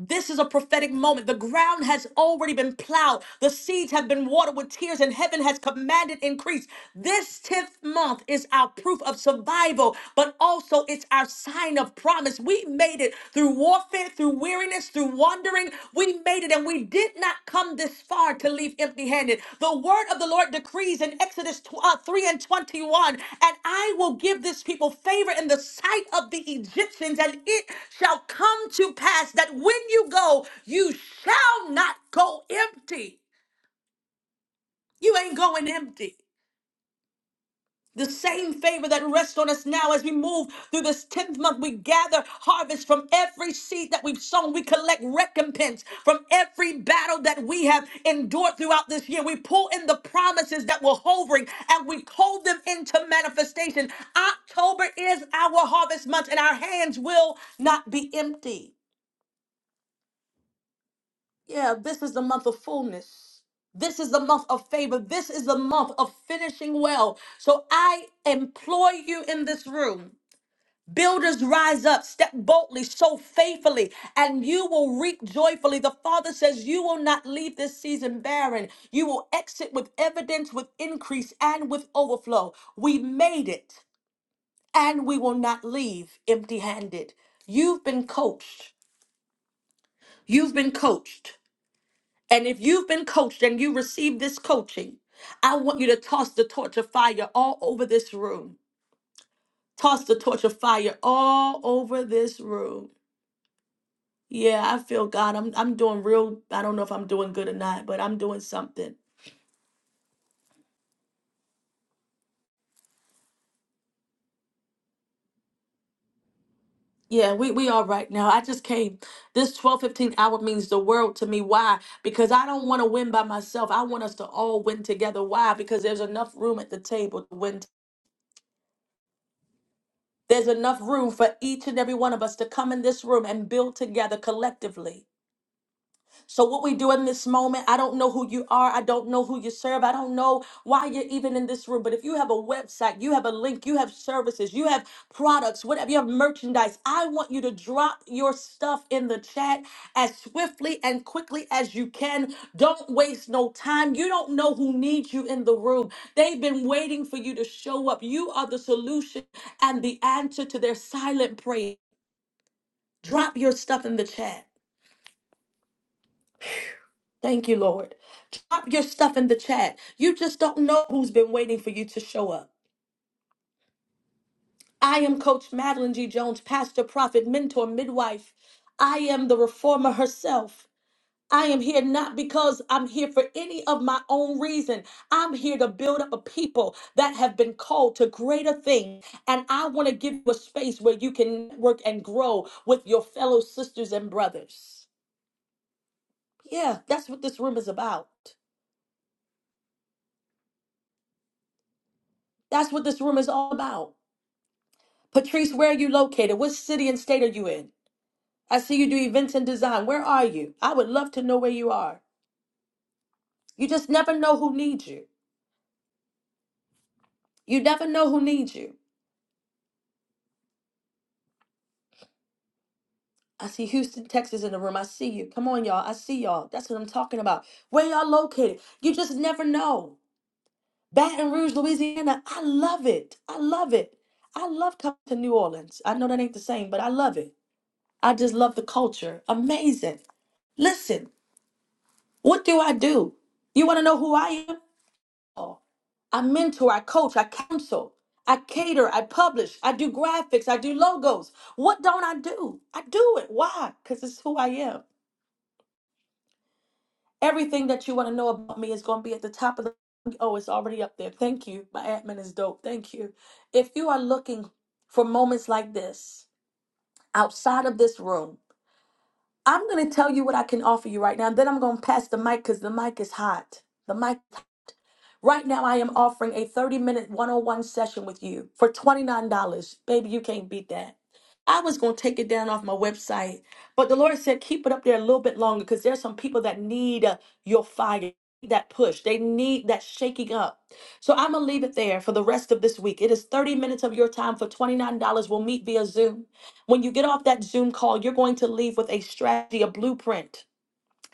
This is a prophetic moment. The ground has already been plowed. The seeds have been watered with tears, and heaven has commanded increase. This 10th month is our proof of survival, but also it's our sign of promise. We made it through warfare, through weariness, through wandering. We made it, and we did not come this far to leave empty handed. The word of the Lord decrees in Exodus tw- uh, 3 and 21 And I will give this people favor in the sight of the Egyptians, and it shall come to pass that when you go, you shall not go empty. You ain't going empty. The same favor that rests on us now as we move through this 10th month, we gather harvest from every seed that we've sown. We collect recompense from every battle that we have endured throughout this year. We pull in the promises that were hovering and we hold them into manifestation. October is our harvest month and our hands will not be empty. Yeah, this is the month of fullness. This is the month of favor. This is the month of finishing well. So I implore you in this room Builders rise up, step boldly, sow faithfully, and you will reap joyfully. The Father says, You will not leave this season barren. You will exit with evidence, with increase, and with overflow. We made it, and we will not leave empty handed. You've been coached. You've been coached. And if you've been coached and you receive this coaching, I want you to toss the torch of fire all over this room. Toss the torch of fire all over this room. Yeah, I feel God. I'm I'm doing real. I don't know if I'm doing good or not, but I'm doing something. Yeah, we we all right now. I just came. This 12:15 hour means the world to me. Why? Because I don't want to win by myself. I want us to all win together. Why? Because there's enough room at the table to win. There's enough room for each and every one of us to come in this room and build together collectively. So, what we do in this moment, I don't know who you are. I don't know who you serve. I don't know why you're even in this room. But if you have a website, you have a link, you have services, you have products, whatever, you have merchandise, I want you to drop your stuff in the chat as swiftly and quickly as you can. Don't waste no time. You don't know who needs you in the room. They've been waiting for you to show up. You are the solution and the answer to their silent prayer. Drop your stuff in the chat. Thank you, Lord. Drop your stuff in the chat. You just don't know who's been waiting for you to show up. I am Coach Madeline G. Jones, pastor, prophet, mentor, midwife. I am the reformer herself. I am here not because I'm here for any of my own reason. I'm here to build up a people that have been called to greater things. And I want to give you a space where you can work and grow with your fellow sisters and brothers. Yeah, that's what this room is about. That's what this room is all about. Patrice, where are you located? What city and state are you in? I see you do events and design. Where are you? I would love to know where you are. You just never know who needs you. You never know who needs you. I see Houston, Texas in the room. I see you. Come on, y'all. I see y'all. That's what I'm talking about. Where y'all located? You just never know. Baton Rouge, Louisiana. I love it. I love it. I love coming to New Orleans. I know that ain't the same, but I love it. I just love the culture. Amazing. Listen, what do I do? You want to know who I am? I mentor, I coach, I counsel, I cater, I publish, I do graphics, I do logos. What don't I do? I do it. Why? Because it's who I am. Everything that you want to know about me is going to be at the top of the. Oh, it's already up there. Thank you. My admin is dope. Thank you. If you are looking for moments like this outside of this room, I'm going to tell you what I can offer you right now. And then I'm going to pass the mic because the mic is hot. The mic. Right now, I am offering a 30 minute one on one session with you for $29. Baby, you can't beat that. I was going to take it down off my website, but the Lord said, keep it up there a little bit longer because there's some people that need uh, your fire, that push. They need that shaking up. So I'm going to leave it there for the rest of this week. It is 30 minutes of your time for $29. We'll meet via Zoom. When you get off that Zoom call, you're going to leave with a strategy, a blueprint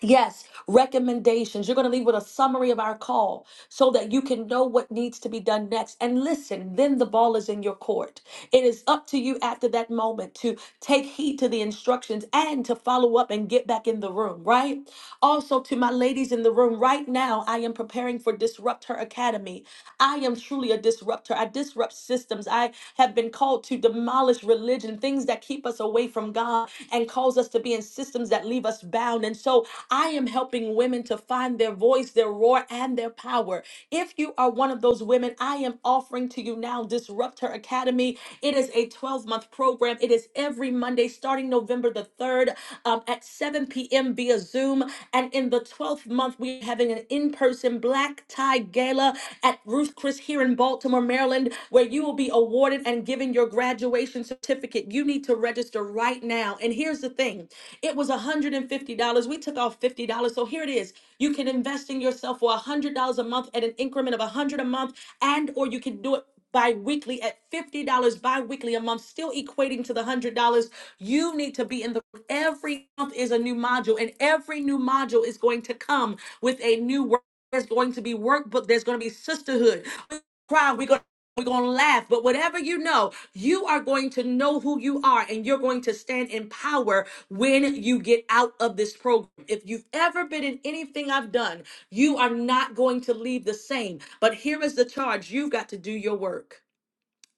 Yes, recommendations. You're going to leave with a summary of our call so that you can know what needs to be done next. And listen, then the ball is in your court. It is up to you after that moment to take heed to the instructions and to follow up and get back in the room, right? Also, to my ladies in the room, right now, I am preparing for Disrupt Her Academy. I am truly a disruptor. I disrupt systems. I have been called to demolish religion, things that keep us away from God and cause us to be in systems that leave us bound. And so I am helping women to find their voice, their roar, and their power. If you are one of those women, I am am offering to you now, Disrupt Her Academy. It is a 12 month program. It is every Monday starting November the 3rd um, at 7 p.m. via Zoom. And in the 12th month, we're having an in person black tie gala at Ruth Chris here in Baltimore, Maryland, where you will be awarded and given your graduation certificate. You need to register right now down. And here's the thing it was $150. We took off $50. So here it is. You can invest in yourself for $100 a month at an increment of 100 a month, and or you can do it bi-weekly at $50 bi-weekly a month still equating to the $100 you need to be in the every month is a new module and every new module is going to come with a new work there's going to be workbook there's going to be sisterhood We're going to Cry. We're gonna we're going to laugh, but whatever you know, you are going to know who you are and you're going to stand in power when you get out of this program. If you've ever been in anything I've done, you are not going to leave the same. But here is the charge you've got to do your work.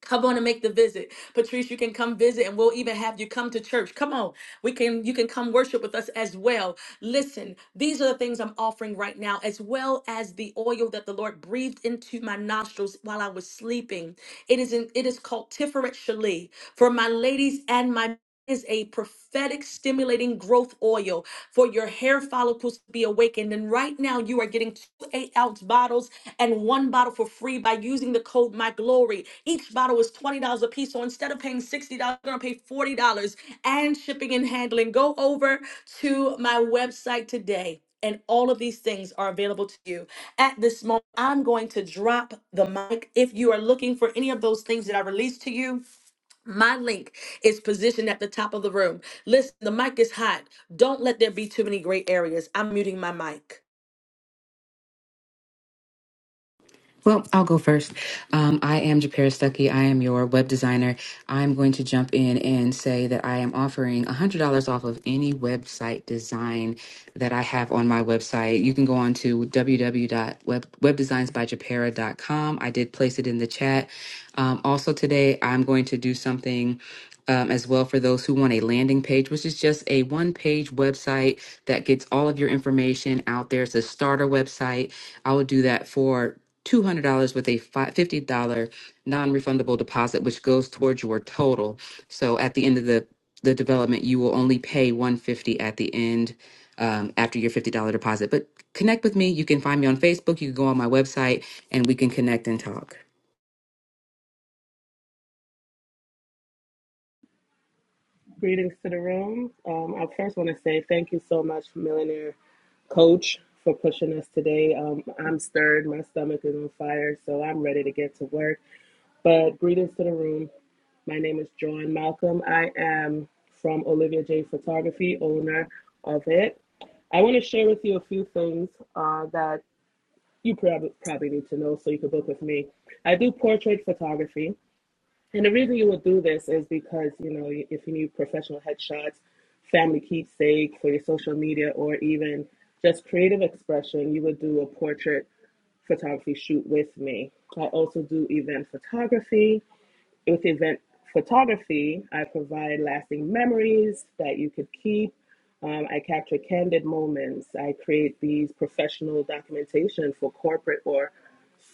Come on and make the visit. Patrice, you can come visit and we'll even have you come to church. Come on. We can you can come worship with us as well. Listen, these are the things I'm offering right now as well as the oil that the Lord breathed into my nostrils while I was sleeping. It is in, it is called Tiferet Shali for my ladies and my is a prophetic stimulating growth oil for your hair follicles to be awakened. And right now, you are getting two eight ounce bottles and one bottle for free by using the code My Glory. Each bottle is $20 a piece. So instead of paying $60, you're going to pay $40 and shipping and handling. Go over to my website today. And all of these things are available to you. At this moment, I'm going to drop the mic. If you are looking for any of those things that I released to you, my link is positioned at the top of the room. Listen, the mic is hot. Don't let there be too many gray areas. I'm muting my mic. Well, I'll go first. Um, I am Japira Stuckey. I am your web designer. I'm going to jump in and say that I am offering $100 off of any website design that I have on my website. You can go on to www.webdesignsbyjapira.com. I did place it in the chat. Um, also, today I'm going to do something um, as well for those who want a landing page, which is just a one page website that gets all of your information out there. It's a starter website. I will do that for $200 with a fi- $50 non refundable deposit, which goes towards your total. So at the end of the, the development, you will only pay 150 at the end um, after your $50 deposit. But connect with me. You can find me on Facebook. You can go on my website and we can connect and talk. Greetings to the room. Um, I first want to say thank you so much, Millionaire Coach, for pushing us today. Um, I'm stirred, my stomach is on fire, so I'm ready to get to work. But greetings to the room. My name is Joan Malcolm. I am from Olivia J Photography, owner of it. I want to share with you a few things uh, that you probably probably need to know so you can book with me. I do portrait photography. And the reason you would do this is because, you know, if you need professional headshots, family keepsake for your social media, or even just creative expression, you would do a portrait photography shoot with me. I also do event photography. With event photography, I provide lasting memories that you could keep. Um, I capture candid moments. I create these professional documentation for corporate or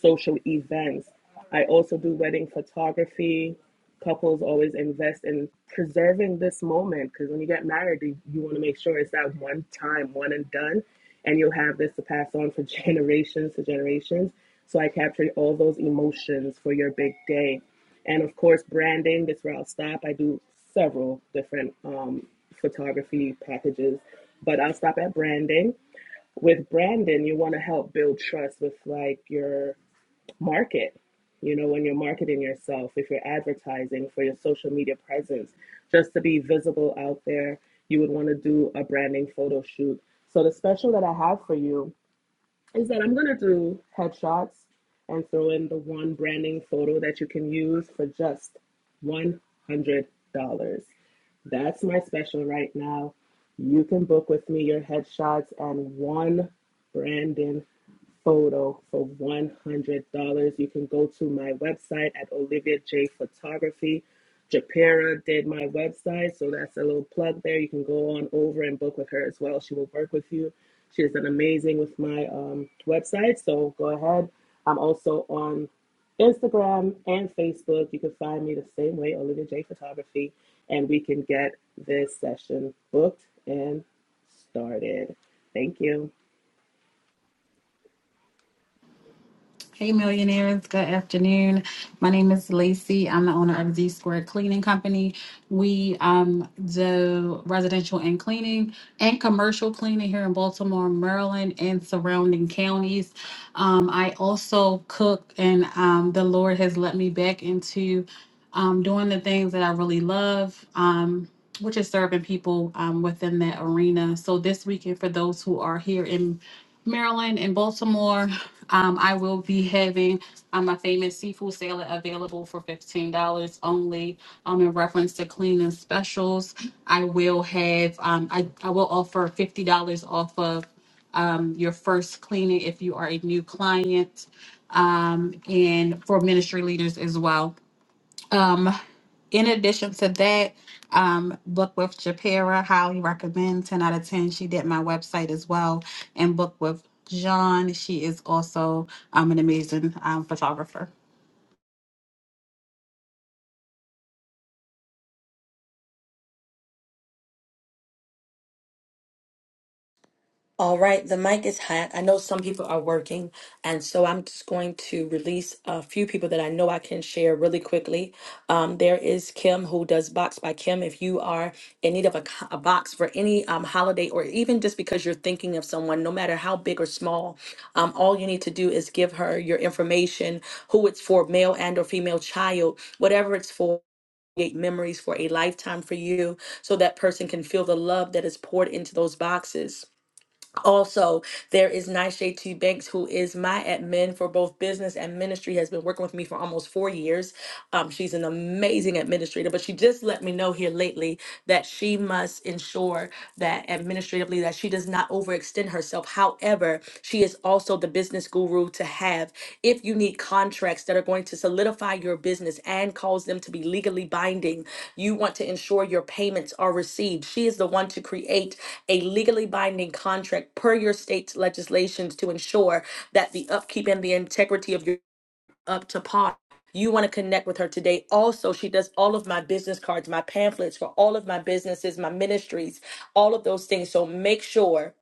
social events. I also do wedding photography. Couples always invest in preserving this moment because when you get married, you, you want to make sure it's that one time, one and done, and you'll have this to pass on for generations to generations. So I captured all those emotions for your big day and of course branding this where i'll stop i do several different um, photography packages but i'll stop at branding with branding you want to help build trust with like your market you know when you're marketing yourself if you're advertising for your social media presence just to be visible out there you would want to do a branding photo shoot so the special that i have for you is that I'm gonna do headshots and throw in the one branding photo that you can use for just one hundred dollars. That's my special right now. You can book with me your headshots and one branding photo for $100. You can go to my website at Olivia J Photography. Japera did my website, so that's a little plug there. You can go on over and book with her as well. She will work with you she has done amazing with my um, website, so go ahead. I'm also on Instagram and Facebook. You can find me the same way, Olivia J Photography, and we can get this session booked and started. Thank you. Hey, millionaires. Good afternoon. My name is Lacey. I'm the owner of Z Squared Cleaning Company. We um, do residential and cleaning and commercial cleaning here in Baltimore, Maryland, and surrounding counties. Um, I also cook, and um, the Lord has let me back into um, doing the things that I really love. Um, which is serving people um, within that arena. So this weekend, for those who are here in Maryland and Baltimore. Um, I will be having um, my famous seafood salad available for $15 only. Um, in reference to cleaning specials, I will have, um, I, I will offer $50 off of um, your first cleaning if you are a new client um, and for ministry leaders as well. Um, in addition to that, um, Book with Japera highly recommend 10 out of 10. She did my website as well. And Book with John, she is also um, an amazing um, photographer. All right, the mic is hot. I know some people are working, and so I'm just going to release a few people that I know I can share really quickly. Um, there is Kim who does Box by Kim. If you are in need of a, co- a box for any um, holiday or even just because you're thinking of someone, no matter how big or small, um, all you need to do is give her your information, who it's for, male and or female child, whatever it's for. Create memories for a lifetime for you so that person can feel the love that is poured into those boxes also, there is Nyshay T. Banks, who is my admin for both business and ministry, has been working with me for almost four years. Um, she's an amazing administrator, but she just let me know here lately that she must ensure that administratively that she does not overextend herself. However, she is also the the business guru to have if you need contracts that are going to solidify your business and cause them to be legally binding you want to ensure your payments are received she is the one to create a legally binding contract per your state's legislations to ensure that the upkeep and the integrity of your up to par you want to connect with her today. Also, she does all of my business cards, my pamphlets for all of my businesses, my ministries, all of those things. So make sure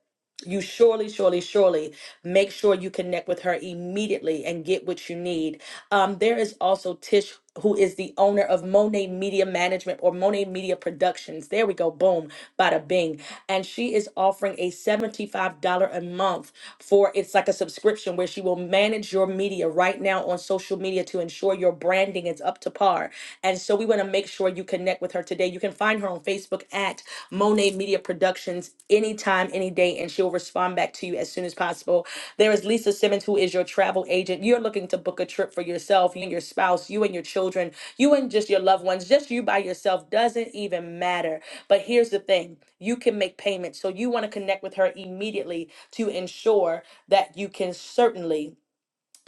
you surely, surely, surely make sure you connect with her immediately and get what you need. Um, there is also Tish, who is the owner of Monet Media Management or Monet Media Productions. There we go, boom, bada bing. And she is offering a $75 a month for it's like a subscription where she will manage your media right now on social media to ensure your branding is up to par. And so we want to make sure sure you connect with her today. You can find her on Facebook at Monet Media Productions anytime, any day, and she'll respond back to you as soon as possible. There is Lisa Simmons, who is your travel agent. You're looking to book a trip for yourself, you and your spouse, you and your children, you and just your loved ones, just you by yourself doesn't even matter. But here's the thing you can make payments. So you want to connect with her immediately to ensure that you can certainly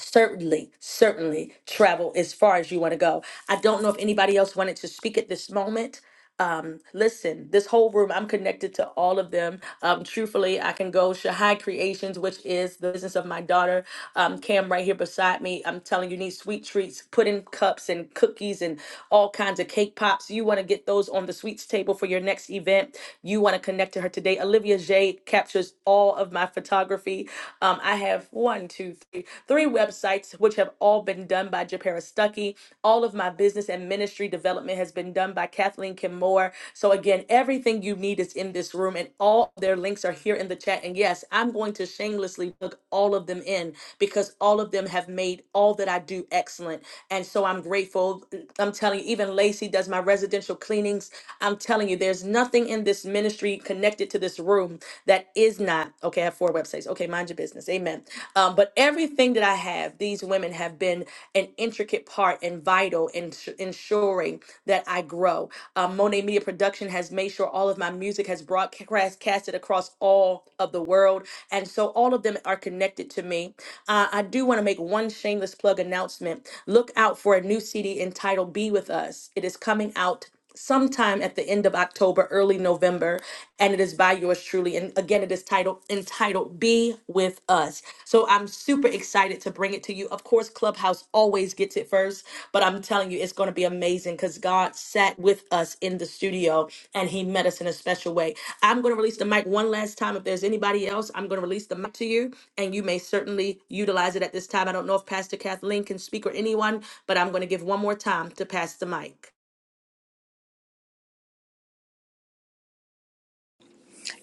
certainly certainly travel as far as you want to go i don't know if anybody else wanted to speak at this moment um, listen, this whole room, I'm connected to all of them. Um, truthfully, I can go Shahai Creations, which is the business of my daughter, um, Cam, right here beside me. I'm telling you, need sweet treats, pudding cups, and cookies, and all kinds of cake pops. You want to get those on the sweets table for your next event. You want to connect to her today. Olivia J captures all of my photography. Um, I have one, two, three, three websites, which have all been done by Japera Stuckey. All of my business and ministry development has been done by Kathleen Kim Moore. So again, everything you need is in this room, and all their links are here in the chat. And yes, I'm going to shamelessly plug all of them in because all of them have made all that I do excellent. And so I'm grateful. I'm telling you, even Lacey does my residential cleanings. I'm telling you, there's nothing in this ministry connected to this room that is not okay. I have four websites. Okay, mind your business. Amen. Amen. Um, but everything that I have, these women have been an intricate part and vital in sh- ensuring that I grow. Um, Monet Media Production has made sure all of my music has broadcasted across all of the world. And so all of them are connected to me. Uh, I do want to make one shameless plug announcement. Look out for a new CD entitled Be With Us. It is coming out sometime at the end of October, early November, and it is by yours truly. And again, it is titled entitled Be With Us. So I'm super excited to bring it to you. Of course, Clubhouse always gets it first, but I'm telling you, it's going to be amazing because God sat with us in the studio and He met us in a special way. I'm going to release the mic one last time. If there's anybody else, I'm going to release the mic to you, and you may certainly utilize it at this time. I don't know if Pastor Kathleen can speak or anyone, but I'm going to give one more time to pass the mic.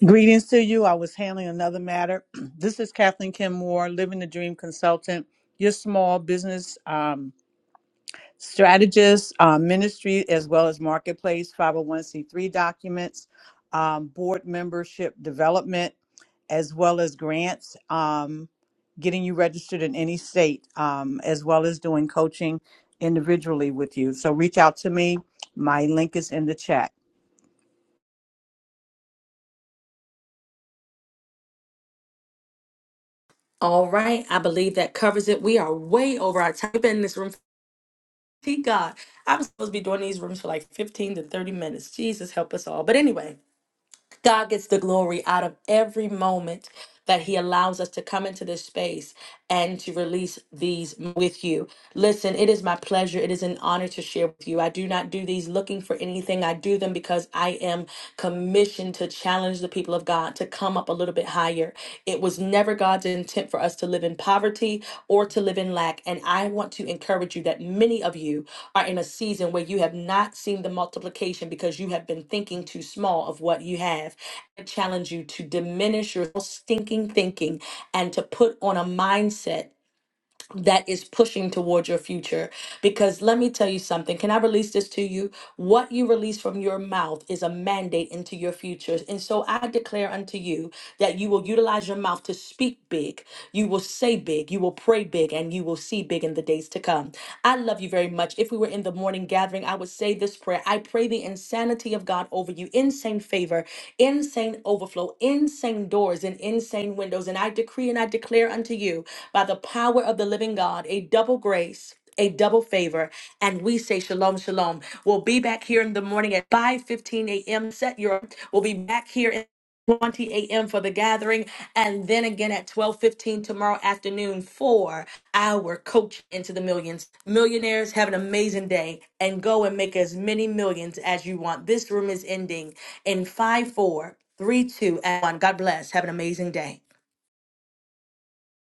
Greetings to you. I was handling another matter. This is Kathleen Kim Moore, Living the Dream Consultant, your small business um, strategist, uh, ministry, as well as marketplace, 501c3 documents, um, board membership development, as well as grants, um, getting you registered in any state, um, as well as doing coaching individually with you. So reach out to me. My link is in the chat. All right, I believe that covers it. We are way over our time. We've been in this room. Thank God. I'm supposed to be doing these rooms for like 15 to 30 minutes. Jesus help us all. But anyway, God gets the glory out of every moment that He allows us to come into this space and to release these with you. Listen, it is my pleasure. It is an honor to share with you. I do not do these looking for anything. I do them because I am commissioned to challenge the people of God to come up a little bit higher it was never God's intent for us to live in poverty or to live in lack. And I want to encourage you that many of you are in a season where you have not seen the multiplication because you have been thinking too small of what you have. I challenge you to diminish your stinking thinking and to put on a mindset that is pushing towards your future. Because let me tell you something. Can I release this to you? What you release from your mouth is a mandate into your futures. And so I declare unto you that you will utilize your mouth to speak big. You will say big. You will pray big and you will see big in the days to come. I love you very much. If we were in the morning gathering, I would say, say this prayer. I pray the insanity of God over you, insane favor, insane overflow, insane doors, and insane windows. And I decree and I declare unto you by the power of the living God a double grace. A double favor, and we say shalom, shalom. We'll be back here in the morning at 5 15 a.m. Set your. We'll be back here. in. 20 a.m. for the gathering, and then again at 12:15 tomorrow afternoon for our coach into the millions. Millionaires have an amazing day and go and make as many millions as you want. This room is ending in five, four, three, two, and one. God bless. Have an amazing day.